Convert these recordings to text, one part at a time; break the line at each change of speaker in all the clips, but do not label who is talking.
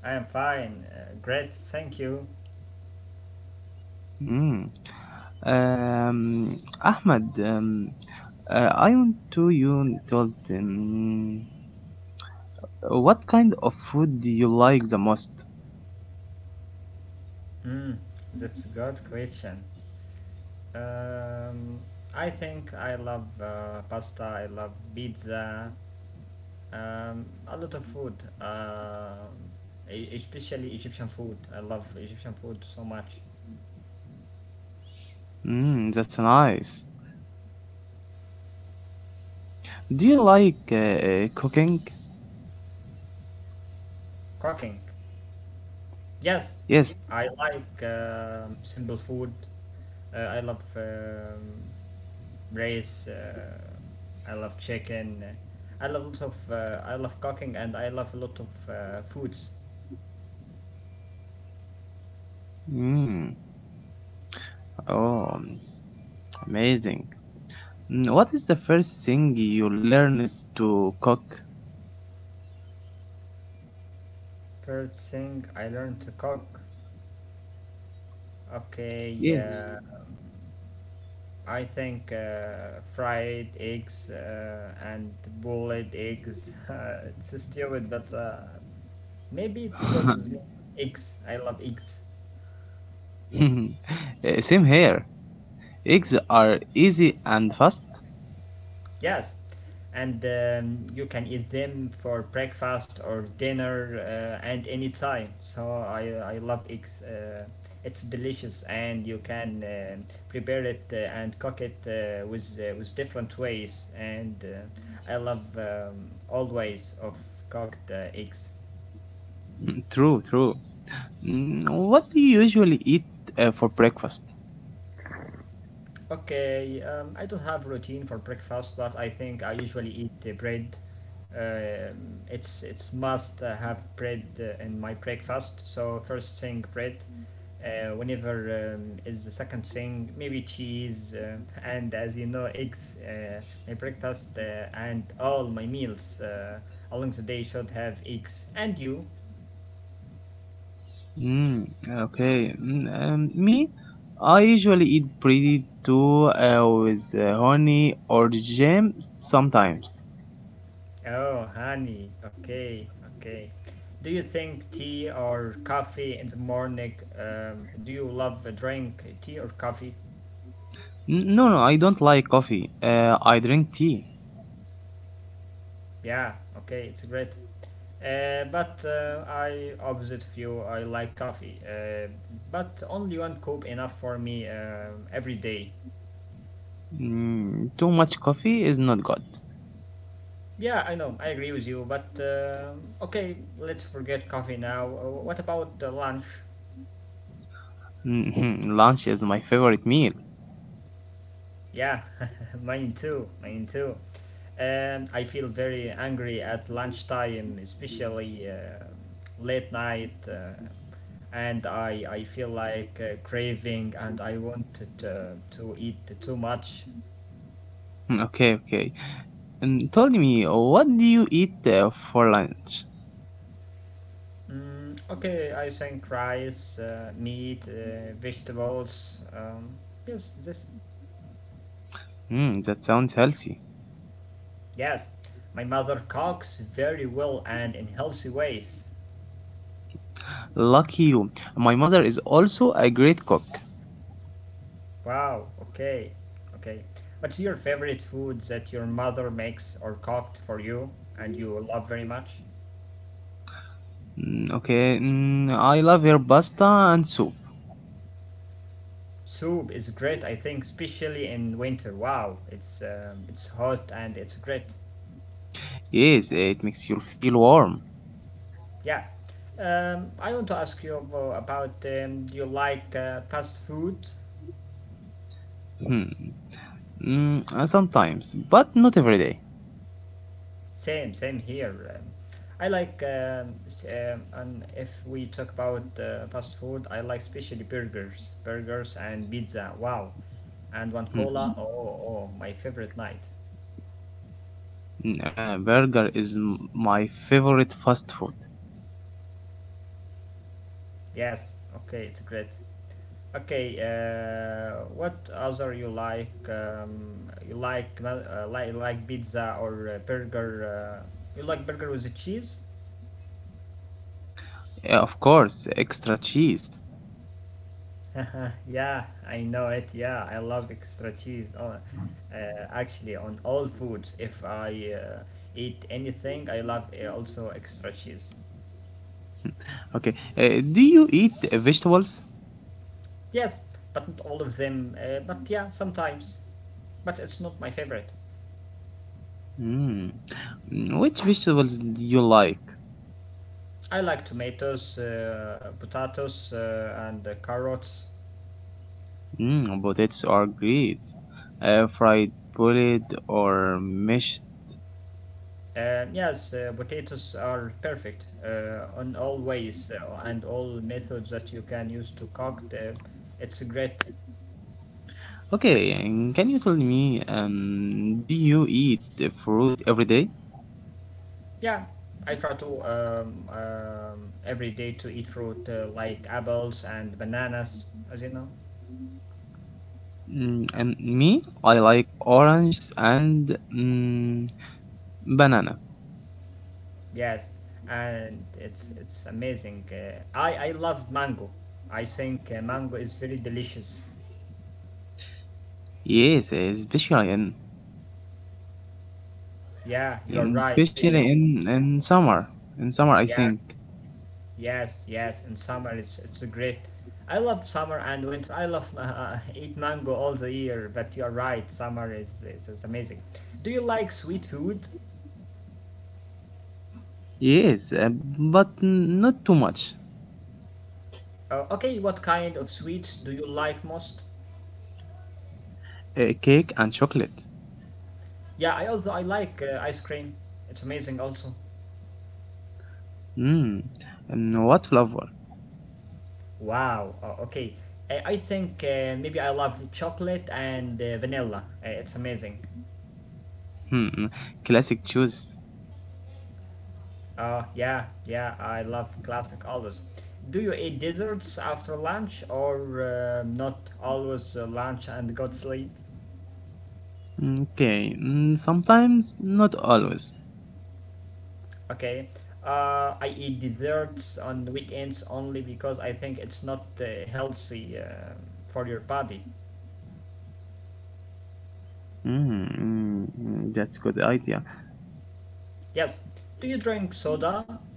I am fine. Great, thank you.
Mm. Ahmed, I want to you told what kind of food do you like the most?
Mm, that's a good question. Um, I think I love pasta, I love pizza, a lot of food, uh, especially Egyptian food. I love Egyptian food so much.
Mm, that's nice. Do you like cooking?
Cooking, yes,
Yes.
I like simple food. I love race. I love chicken. I love lots of. I love cooking, and I love a lot of foods.
Mm. Oh, amazing. Mm, what is the first thing you learned to cook?
First thing I learned to cook. Okay.
Yes.
I think fried eggs and boiled eggs. It's stupid, but maybe it's good with me.
Uh,
Eggs. I love eggs.
Same here. Eggs are easy and fast.
Yes, and you can eat them for breakfast or dinner and any time. So I love eggs. It's delicious, and you can prepare it and cook it with different ways. And I love all ways of cooked eggs.
True, true. Mm, what do you usually eat for breakfast?
Okay, I don't have routine for breakfast, but I think I usually eat bread. It's must have bread in my breakfast. So first thing bread. Whenever is the second thing maybe cheese and as you know eggs. My breakfast and all my meals along the day should have eggs. And you?
Mm, okay. Me, I usually eat pretty too with honey or jam sometimes.
Oh, honey. Okay, okay. Do you think tea or coffee in the morning? Do you love a drink tea or coffee?
No, no, I don't like coffee. I drink tea.
Yeah, okay, it's great. But I opposite of you. I like coffee, but only one cup enough for me every day.
Mm, too much coffee is not good.
Yeah, I know. I agree with you. But okay, let's forget coffee now. What about the lunch?
Mhm, lunch is my favorite meal.
Yeah, mine too. Mine too. And I feel very angry at lunchtime, especially late night, and I feel like craving and I wanted to eat too much.
Mm, okay, okay. Tell me, what do you eat for lunch?
Mm, okay, I think rice, meat, vegetables. Yes, this,
Mm, that sounds healthy.
yes. My mother cooks very well and in healthy ways.
Lucky you. My mother is also a great cook.
Wow, okay, okay. What's your favorite food that your mother makes or cooked for you and you love very much?
Okay, I love her pasta and soup.
Soup is great, I think, especially in winter. Wow, it's hot and it's great.
Yes, it makes you feel warm.
Yeah. I want to ask you about do you like fast food.
Hmm. Mm, sometimes, but not every day.
Same, same here. And if we talk about fast food, I like especially burgers, burgers and pizza. Wow, and one
Hmm.
cola. Oh, my favorite night.
Mm, burger is my favorite fast food.
Yes. Okay, it's great. Okay. What other you like? You like pizza or burger? You like burger with the cheese?
Of course, extra cheese.
Yeah, I know it. Yeah, I love extra cheese on, actually on all foods. If I eat anything, I love also extra cheese.
Okay, do you eat vegetables?
Yes, but not all of them. But yeah, sometimes. But it's not my favorite.
Hmm. Mm, which vegetables do you like?
I like tomatoes, potatoes, and carrots.
Mm, potatoes are great. Fried, boiled, or mashed?
Yes, potatoes are perfect on all ways and all methods that you can use to cook. It's great.
Okay, and can you tell me, do you eat fruit every day?
Yeah, I try to every day to eat fruit like apples and bananas, as you know.
Mm, and me, I like oranges and banana.
Yes, and it's amazing. I love mango. I think mango is very delicious.
Yes, especially
Yeah, you are
in
right,
especially
especially.
in summer. In summer, I think.
Yeah, yes, yes. In summer, it's great. I love summer and winter. I love eat mango all the year. But you are right, summer is amazing. Do you like sweet food?
Yes, but not too much.
Okay, what kind of sweets do you like most?
Cake and chocolate.
Yeah, I also I like ice cream. It's amazing also.
Mm, and what flavor?
Wow. Okay. I think maybe I love chocolate and vanilla. It's amazing.
Hmm, classic choice.
Yeah, yeah, I love classic always. Do you eat desserts after lunch or not always lunch and go to sleep?
Okay, mm, sometimes, not always.
Okay. I eat desserts on weekends only because I think it's not healthy for your body.
That's good idea.
Yes. Do you drink soda?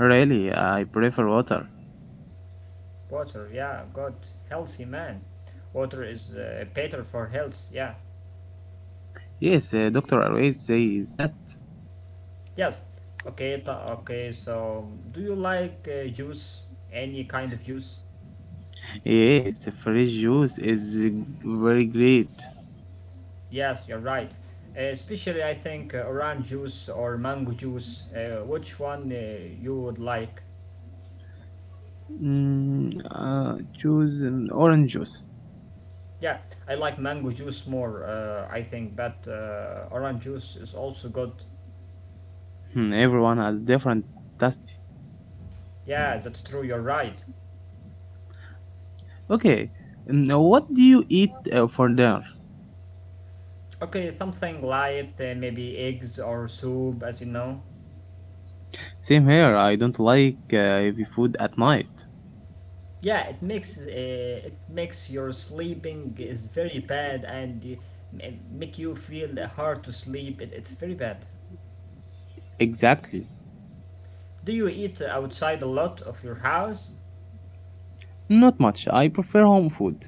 Really, I prefer water.
Water, yeah, good. Healthy man. Water is better for health, yeah.
Yes, doctor always say that.
Yes. Okay, okay, so do you like juice? Any kind of juice?
Yes, fresh juice is very great.
Yes, you're right. Especially, I think, orange juice or mango juice. Which one you would like?
Mm, uh, choose orange juice.
Yeah, I like mango juice more, I think, but orange juice is also good.
Hmm, everyone has different taste.
Yeah, that's true, you're right.
Okay, now what do you eat for dinner?
Okay, something light, maybe eggs or soup, as you know.
Same here. I don't like heavy food at night.
Yeah, it makes your sleeping is very bad and make you feel hard to sleep. It's very bad.
Exactly.
Do you eat outside a lot of your house?
Not much. I prefer home food.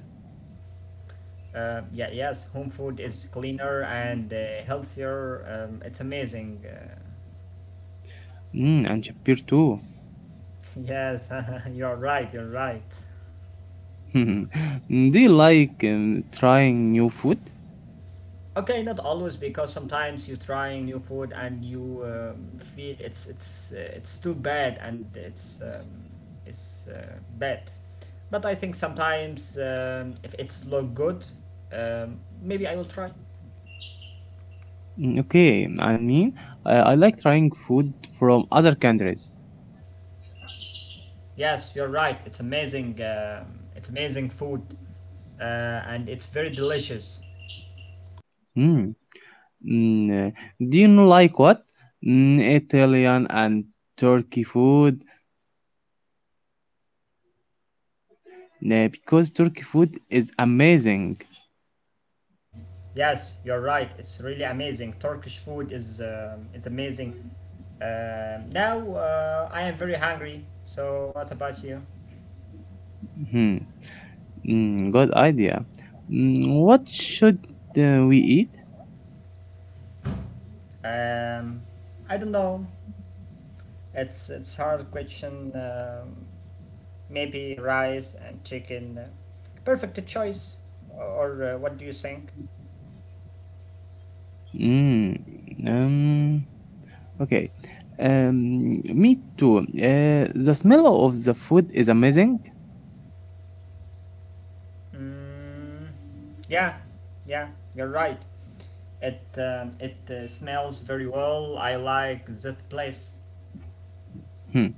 Yeah, yes. Home food is cleaner and healthier. It's amazing.
Mm, and chapter too.
Yes, you're right. You're right.
Do you like trying new food?
Okay, not always because sometimes you're trying new food and you feel it's too bad and it's bad. But I think sometimes if it's look good, maybe I will try.
Mm, okay, I mean, I like trying food from other countries.
Yes, you're right. It's amazing. It's amazing food, and it's very delicious.
Mm. Mm. uh, Do you know like what? Mm, Italian and Turkey food, because Turkey food is amazing.
Yes, you're right. It's really amazing. Turkish food is it's amazing. Now I am very hungry. So what about you?
Hmm. Mm, good idea. Mm, what should we eat?
Um, I don't know. It's hard question. Maybe rice and chicken. Perfect choice. Or what do you think?
Mm, um, Okay. Me too. The smell of the food is amazing.
Mm, yeah, yeah, you're right. It smells very well. I like that place.
Hmm.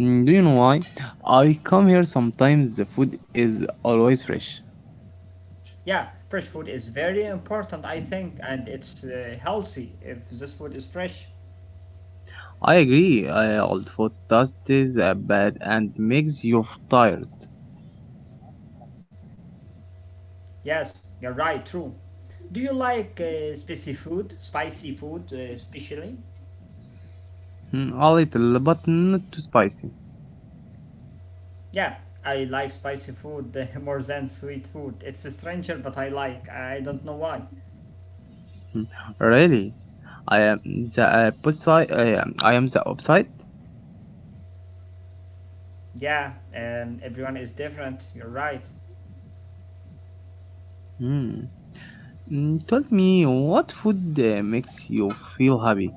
Mm, do you know why? I come here sometimes. The food is always fresh.
Yeah, fresh food is very important, I think, and it's healthy if this food is fresh.
I agree. Old food tastes bad and makes you tired.
Yes, you're right, true. Do you like spicy food especially?
Hmm, a little, but not too spicy.
Yeah, I like spicy food more than sweet food. It's a stranger, but I like. I don't know why.
Hmm, really, I am the opposite. I am the opposite.
Yeah, everyone is different. You're right.
Hmm. Mm, tell me, what food makes you feel happy?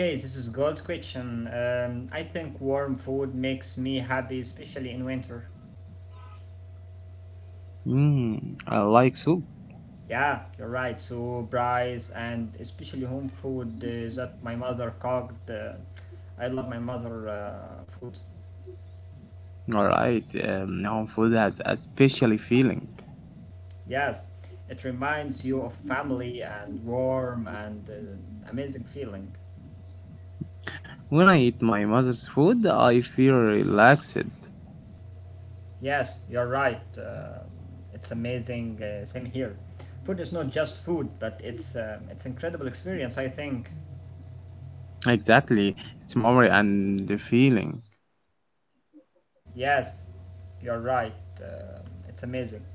Okay, this is good question. I think warm food makes me happy, especially in winter.
Hmm. I like soup.
Yeah, you're right. So rice and especially home food that my mother cooked. I love my mother food.
Alright, home food has a special feeling.
Yes, it reminds you of family and warm and amazing feeling.
When I eat my mother's food, I feel relaxed.
Yes, you're right. It's amazing. Same here. Food is not just food, but it's incredible experience. I think.
Exactly, it's memory and the feeling.
Yes, you're right. Uh, it's amazing.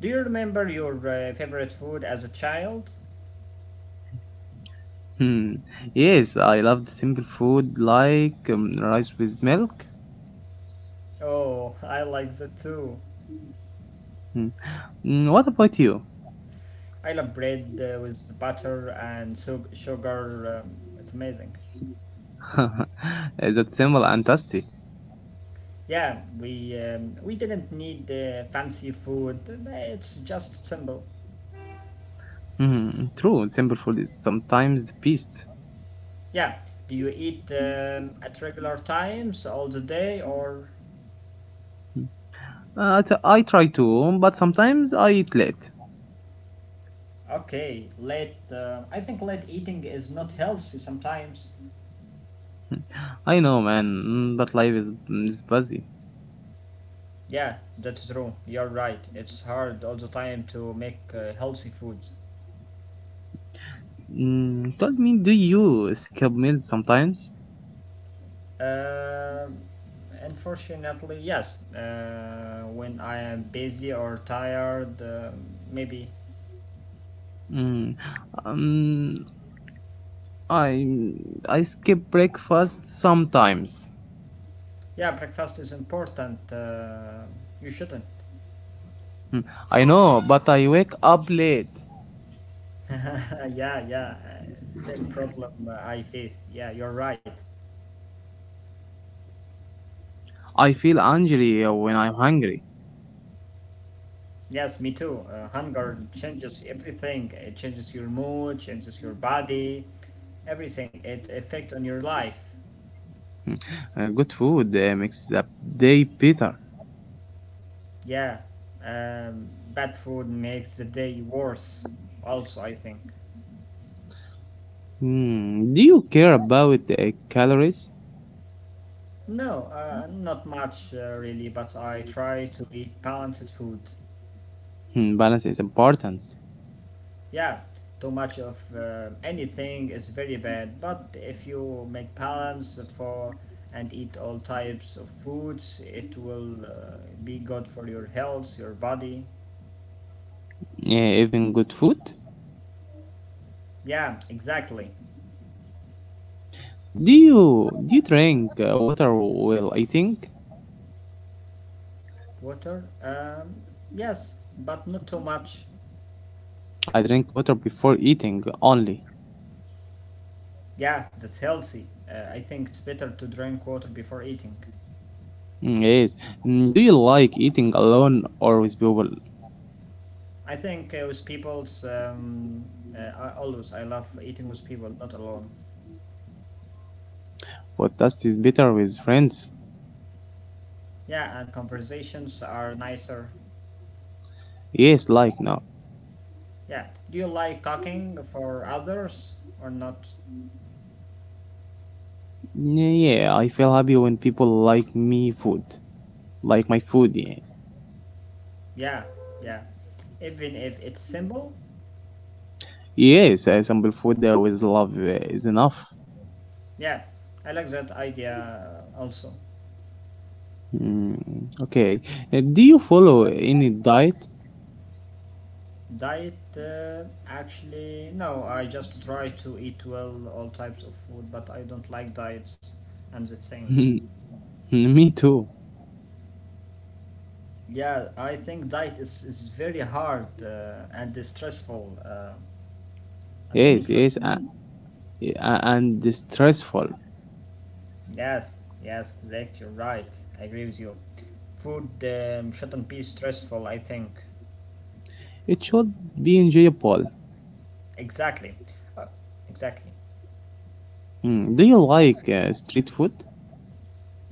Do you remember your favorite food as a child?
Hmm. Yes, I love the simple food like rice with milk.
Oh, I like that too.
Hmm. Mm, what about you?
I love bread with butter and sugar. It's amazing.
That's simple and tasty.
Yeah, we didn't need fancy food. It's just simple.
Hmm. True, simple food is sometimes the best.
Yeah. Do you eat at regular times all the day or?
Hmm. I try to, but sometimes I eat late.
Okay, late. I think late eating is not healthy sometimes.
I know, man, but life is, is busy.
Yeah, that's true. You're right. It's hard all the time to make healthy foods.
Mm, tell me, do you skip meals sometimes?
Uh, Unfortunately, yes. When I am busy or tired, maybe.
Mm, um, I I skip breakfast sometimes.
Yeah, breakfast is important. You shouldn't.
Mm, I know, but I wake up late.
yeah, yeah. Same problem I face. Yeah, you're right.
I feel angry when I'm hungry.
Yes, me too. Hunger changes everything. It changes your mood, changes your body, everything. It's effect on your life.
Mm, good food makes the day better.
Yeah. Bad food makes the day worse. Also, I think.
Mm, do you care about calories?
No, not much really, but I try to eat balanced food.
Mm, balance is important.
Yeah, too much of anything is very bad, but if you make balance for and eat all types of foods, it will be good for your health, your body.
Yeah, even good food.
Yeah, exactly.
Do you drink water while eating?
Water? Yes, but not too much.
I drink water before eating only.
Yeah, that's healthy. I think it's better to drink water before eating.
Mm, yes. Mm, do you like eating alone or with people?
I think with people's. I love eating with people, not alone.
Podcast is better with friends.
Yeah, and conversations are nicer.
Yes, like now.
Yeah. Do you like cooking for others or not?
Mm, yeah, I feel happy when people like me food. Like my food, yeah.
Yeah, yeah. Even if it's simple.
Yes, I sample food with love is enough.
Yeah, I like that idea also.
Mm, okay. Do you follow any diet?
Diet, actually, no. I just try to eat well all types of food, but I don't like diets and the things.
Me too.
Yeah, I think diet is very hard and is stressful and
Yes,
meaningless.
yes. And stressful.
Yes, yes, correct, you're right. I agree with you. Food shouldn't be stressful, I think.
It should be enjoyable.
Exactly. Uh, exactly.
Mm. Do you like street food?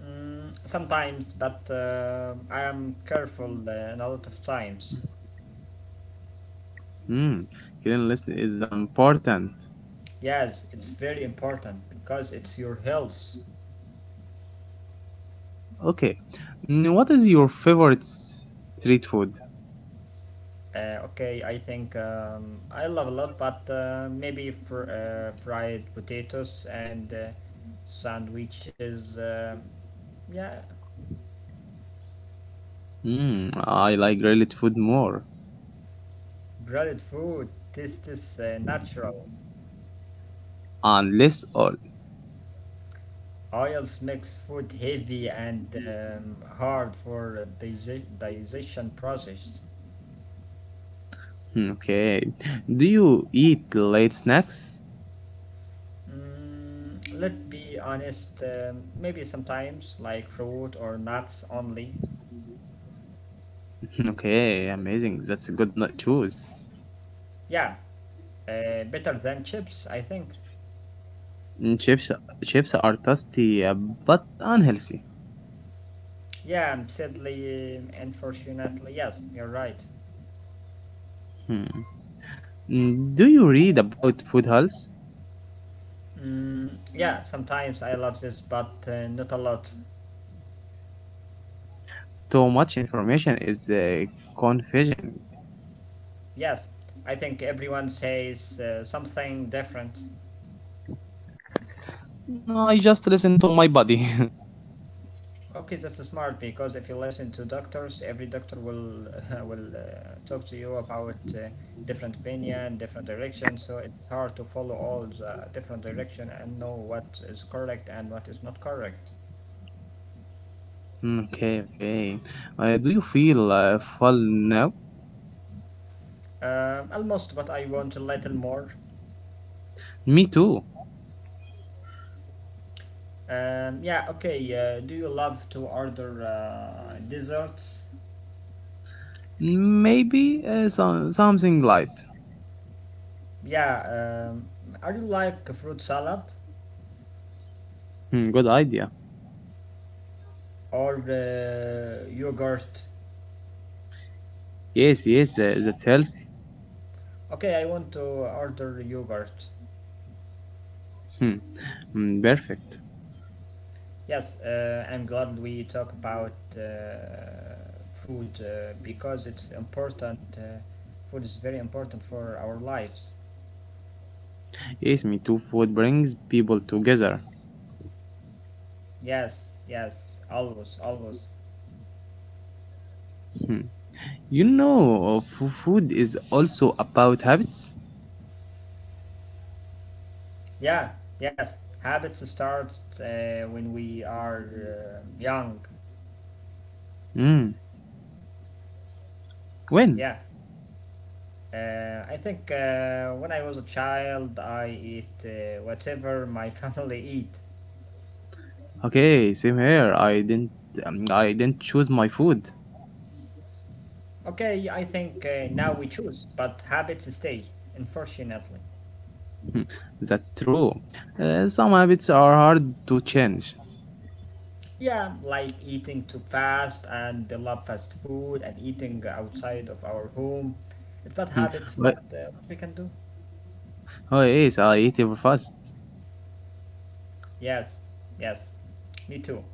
Mm, sometimes, but I am careful in a lot of times.
Mm. Cleanliness is important.
Yes, it's very important because it's your health.
Okay. Mm, what is your favorite street food?
Okay, I think I love a lot, but maybe fried potatoes and sandwiches. Yeah,
Mm. I like grilled food more
breaded food. This is natural.
and less oil.
Oils makes food heavy and hard for digestion process.
Mm, okay. Do you eat late snacks?
Mm, let's be honest. Maybe sometimes like fruit or nuts only.
Mm, okay, amazing. That's a good choice.
Yeah, better than chips, I think.
Mm, chips are tasty but unhealthy.
Yeah, sadly, unfortunately, yes, you're right.
Hmm. Mm, do you read about food health?
Mm, yeah, sometimes I love this, but not a lot.
Too much information is confusing.
Yes, I think everyone says something different.
No, I just listen to my body.
Okay, that's smart because if you listen to doctors, every doctor will will talk to you about different opinion, different direction. So it's hard to follow all the different direction and know what is correct and what is not correct.
Mm, okay, okay. Do you feel full now?
Almost, but I want a little more.
Me too.
Yeah, okay. Do you love to order desserts?
Maybe something light.
Yeah, um, are you like fruit salad
Hmm, good idea.
or yogurt?
Yes, yes, that helps.
Okay, I want to order yogurt.
Hmm. Mm, perfect.
Yes, I'm glad we talk about food because it's important. Food is very important for our lives.
Yes, me too. Food brings people together.
Yes, yes, always, always.
Hmm. You know, food is also about habits.
Yeah, yes. Habits start when we are young.
Hmm. When?
Yeah. I think when I was a child, I eat whatever my family eat.
Okay, same here. I didn't choose my food.
Okay, I think now we choose, but habits stay, unfortunately.
Hmm, that's true. Some habits are hard to change.
Yeah, like eating too fast and they love fast food and eating outside of our home. It's bad
Hmm,
habits,
but
but what we can do?
oh yes, I eat very fast.
Yes, yes, me too.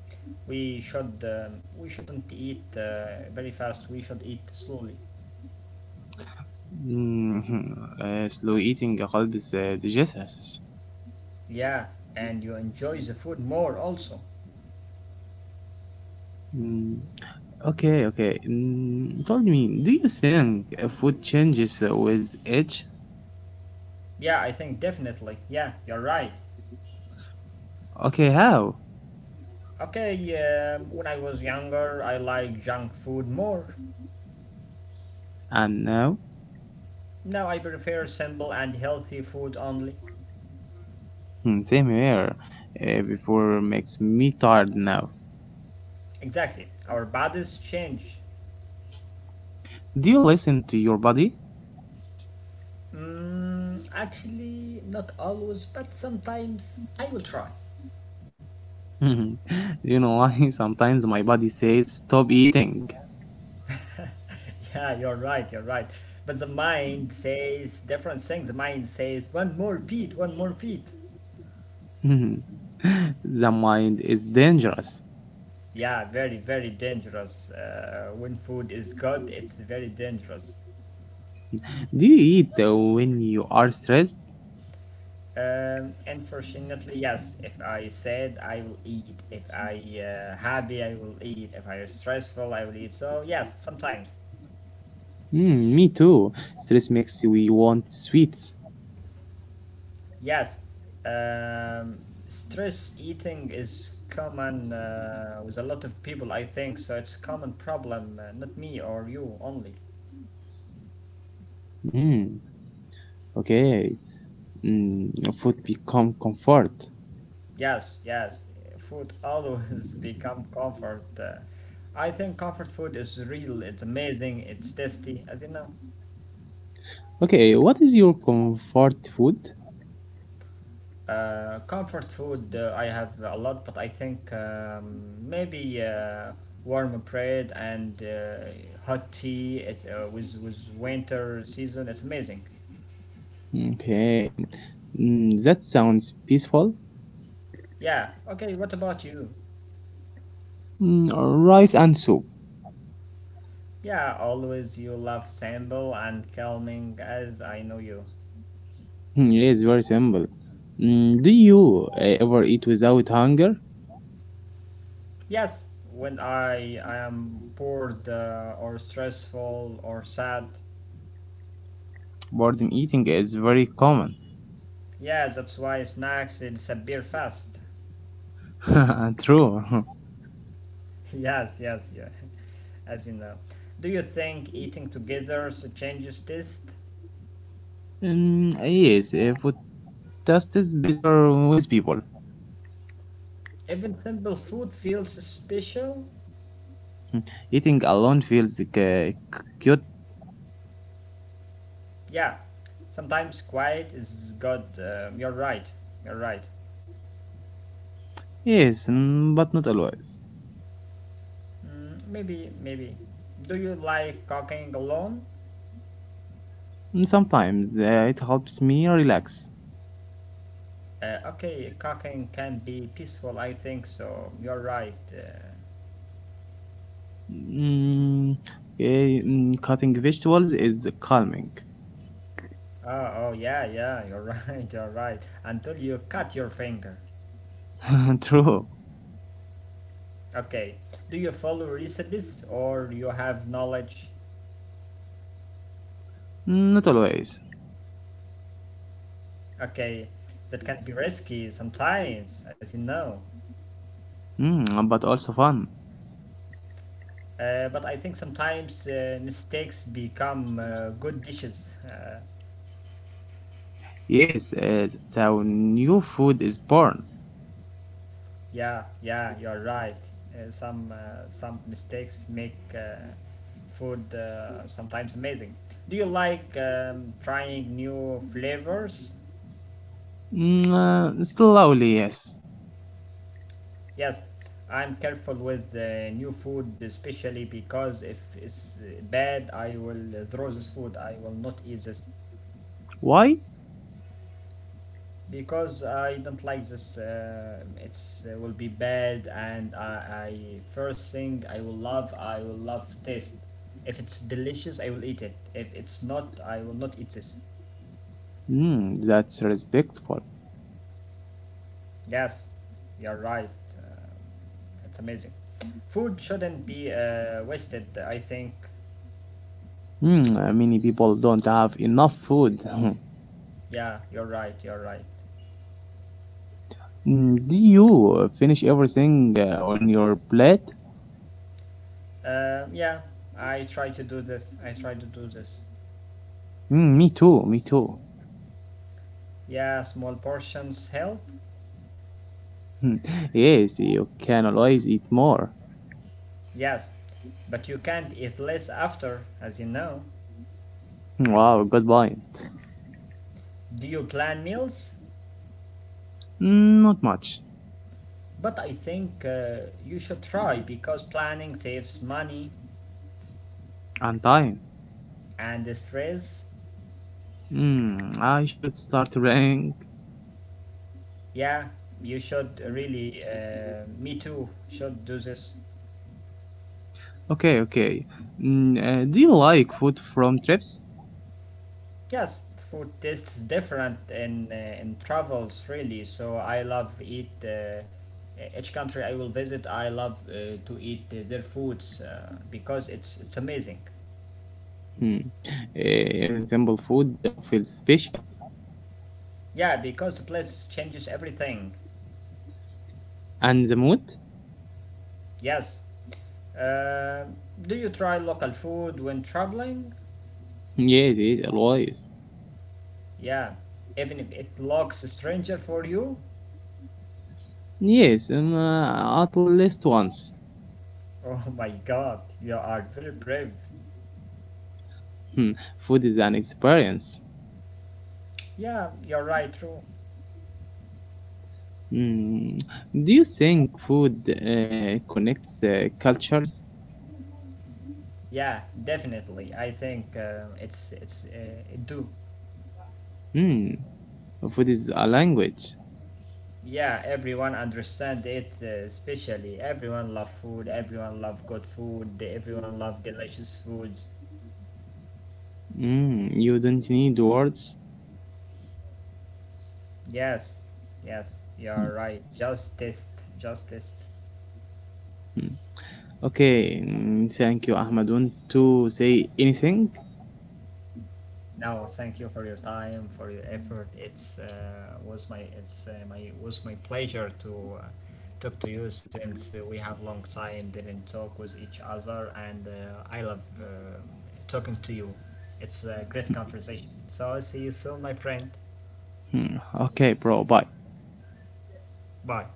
We should we shouldn't eat very fast. We should eat slowly.
Mhm. Slow eating helps digestion.
Yeah, and you enjoy the food more also.
Mm, okay, okay. Mm, told me, do you think food changes with age?
Yeah, I think definitely. Yeah, you're right.
Okay, how?
Okay, when I was younger, I liked junk food more.
And now?
Now I prefer simple and healthy food only.
Hmm, same here. Before makes me tired now.
Exactly. Our bodies change.
Do you listen to your body?
Mm, actually, not always, but sometimes I will try.
You know why? Sometimes my body says stop eating.
Yeah, you're right, you're right. But the mind says different things. The mind says, one more Pete, one more Pete.
The mind is dangerous.
Yeah, very, very dangerous. When food is good, it's very dangerous.
Do you eat when you are stressed?
Unfortunately, yes. If I sad, I will eat. If I happy, I will eat. If I stressful, I will eat. So yes, sometimes.
Mm, me too. Stress makes we want sweets.
Yes, um, stress eating is common with a lot of people, I think. So it's common problem, not me or you only.
Mm, okay. Mm, food become comfort.
Yes, yes, food always become comfort. I think comfort food is real. It's amazing. It's tasty, as you know.
Okay, what is your comfort food?
Comfort food, I have a lot, but I think maybe warm bread and hot tea. It with winter season. It's amazing.
Okay. Mm, that sounds peaceful.
Yeah, okay, what about you?
Mm, rice and soup.
Yeah, always you love simple and calming as I know you.
Mm, yes, very simple. Mm, do you ever eat without hunger?
Yes, when I am bored or stressful or sad.
Boredom eating is very common.
Yeah, that's why snacks disappear fast.
True.
Yes, yes, yeah, as you know. Do you think eating together changes taste?
Yes, food taste is better with people.
Even simple food feels special?
Eating alone feels cute,
Yeah, sometimes quiet is good. You're right, you're right.
yes, but not always.
Mm, maybe, maybe. Do you like cooking alone?
Mm, sometimes it helps me relax.
Okay, cooking can be peaceful, I think so. You're right.
Mm, cutting vegetables is calming.
Oh, oh, yeah, yeah, you're right, you're right. Until you cut your finger.
True,
Okay, do you follow recipes or you have knowledge?
mm, not always,
Okay, that can be risky sometimes, as you know.
but also fun.
But I think sometimes mistakes become good dishes.
Yes, that's how new food is born.
Yeah, yeah, you're right. Some mistakes make food sometimes amazing. Do you like trying new flavors?
Mm, slowly, yes.
Yes, I'm careful with new food, especially because if it's bad, I will throw this food. I will not eat this.
Why?
Because I don't like this. It's will be bad, and I first thing I will love. I will love taste. If it's delicious, I will eat it. If it's not, I will not eat this.
Mm, that's respectful.
Yes, you're right. Um, it's amazing. Food shouldn't be wasted, I think.
Hmm. Many people don't have enough food.
Yeah, you're right. You're right.
Mm, do you finish everything on your plate?
Uh, yeah, I try to do this. I try to do this.
Mm, me too.
Yeah, small portions help.
Yes, you can always eat more.
Yes, but you can't eat less after, as you know.
Hmm, wow, good point.
Do you plan meals?
Mm, not much.
But I think you should try because planning saves money
And time.
and stress.
Mm, I should start running.
Yeah, you should really, me too, should do this.
Okay, okay. Mm, do you like food from trips?
Yes, food tastes different in travels, really. So I love eat. Each country I will visit, I love to eat their foods because it's amazing.
Hmm. Even simple food feels special.
Yeah, because the place changes everything.
And the mood?
Yes. Uh, do you try local food when traveling?
Yes, yes, always.
Yeah. Even if it looks stranger for you?
Yes, at least once.
Oh my god, you are very brave.
Hmm, food is an experience.
Yeah, you're right, true.
Hmm, do you think food connects cultures?
Yeah, definitely. I think it do.
Hmm, food is a language.
Yeah, everyone understand it, especially everyone love food, everyone love good food, everyone love delicious foods.
Hmm, you don't need words.
Yes, yes, you
Hmm,
are right. Justice, justice.
hmm. Okay, mm, thank you, Ahmadun, to say anything.
No, thank you for your time, for your effort. It's was my it's my was my pleasure to talk to you since we have long time didn't talk with each other, and I love talking to you. It's a great conversation. So I'll see you soon, my friend.
Hmm, okay, bro, bye.
Bye.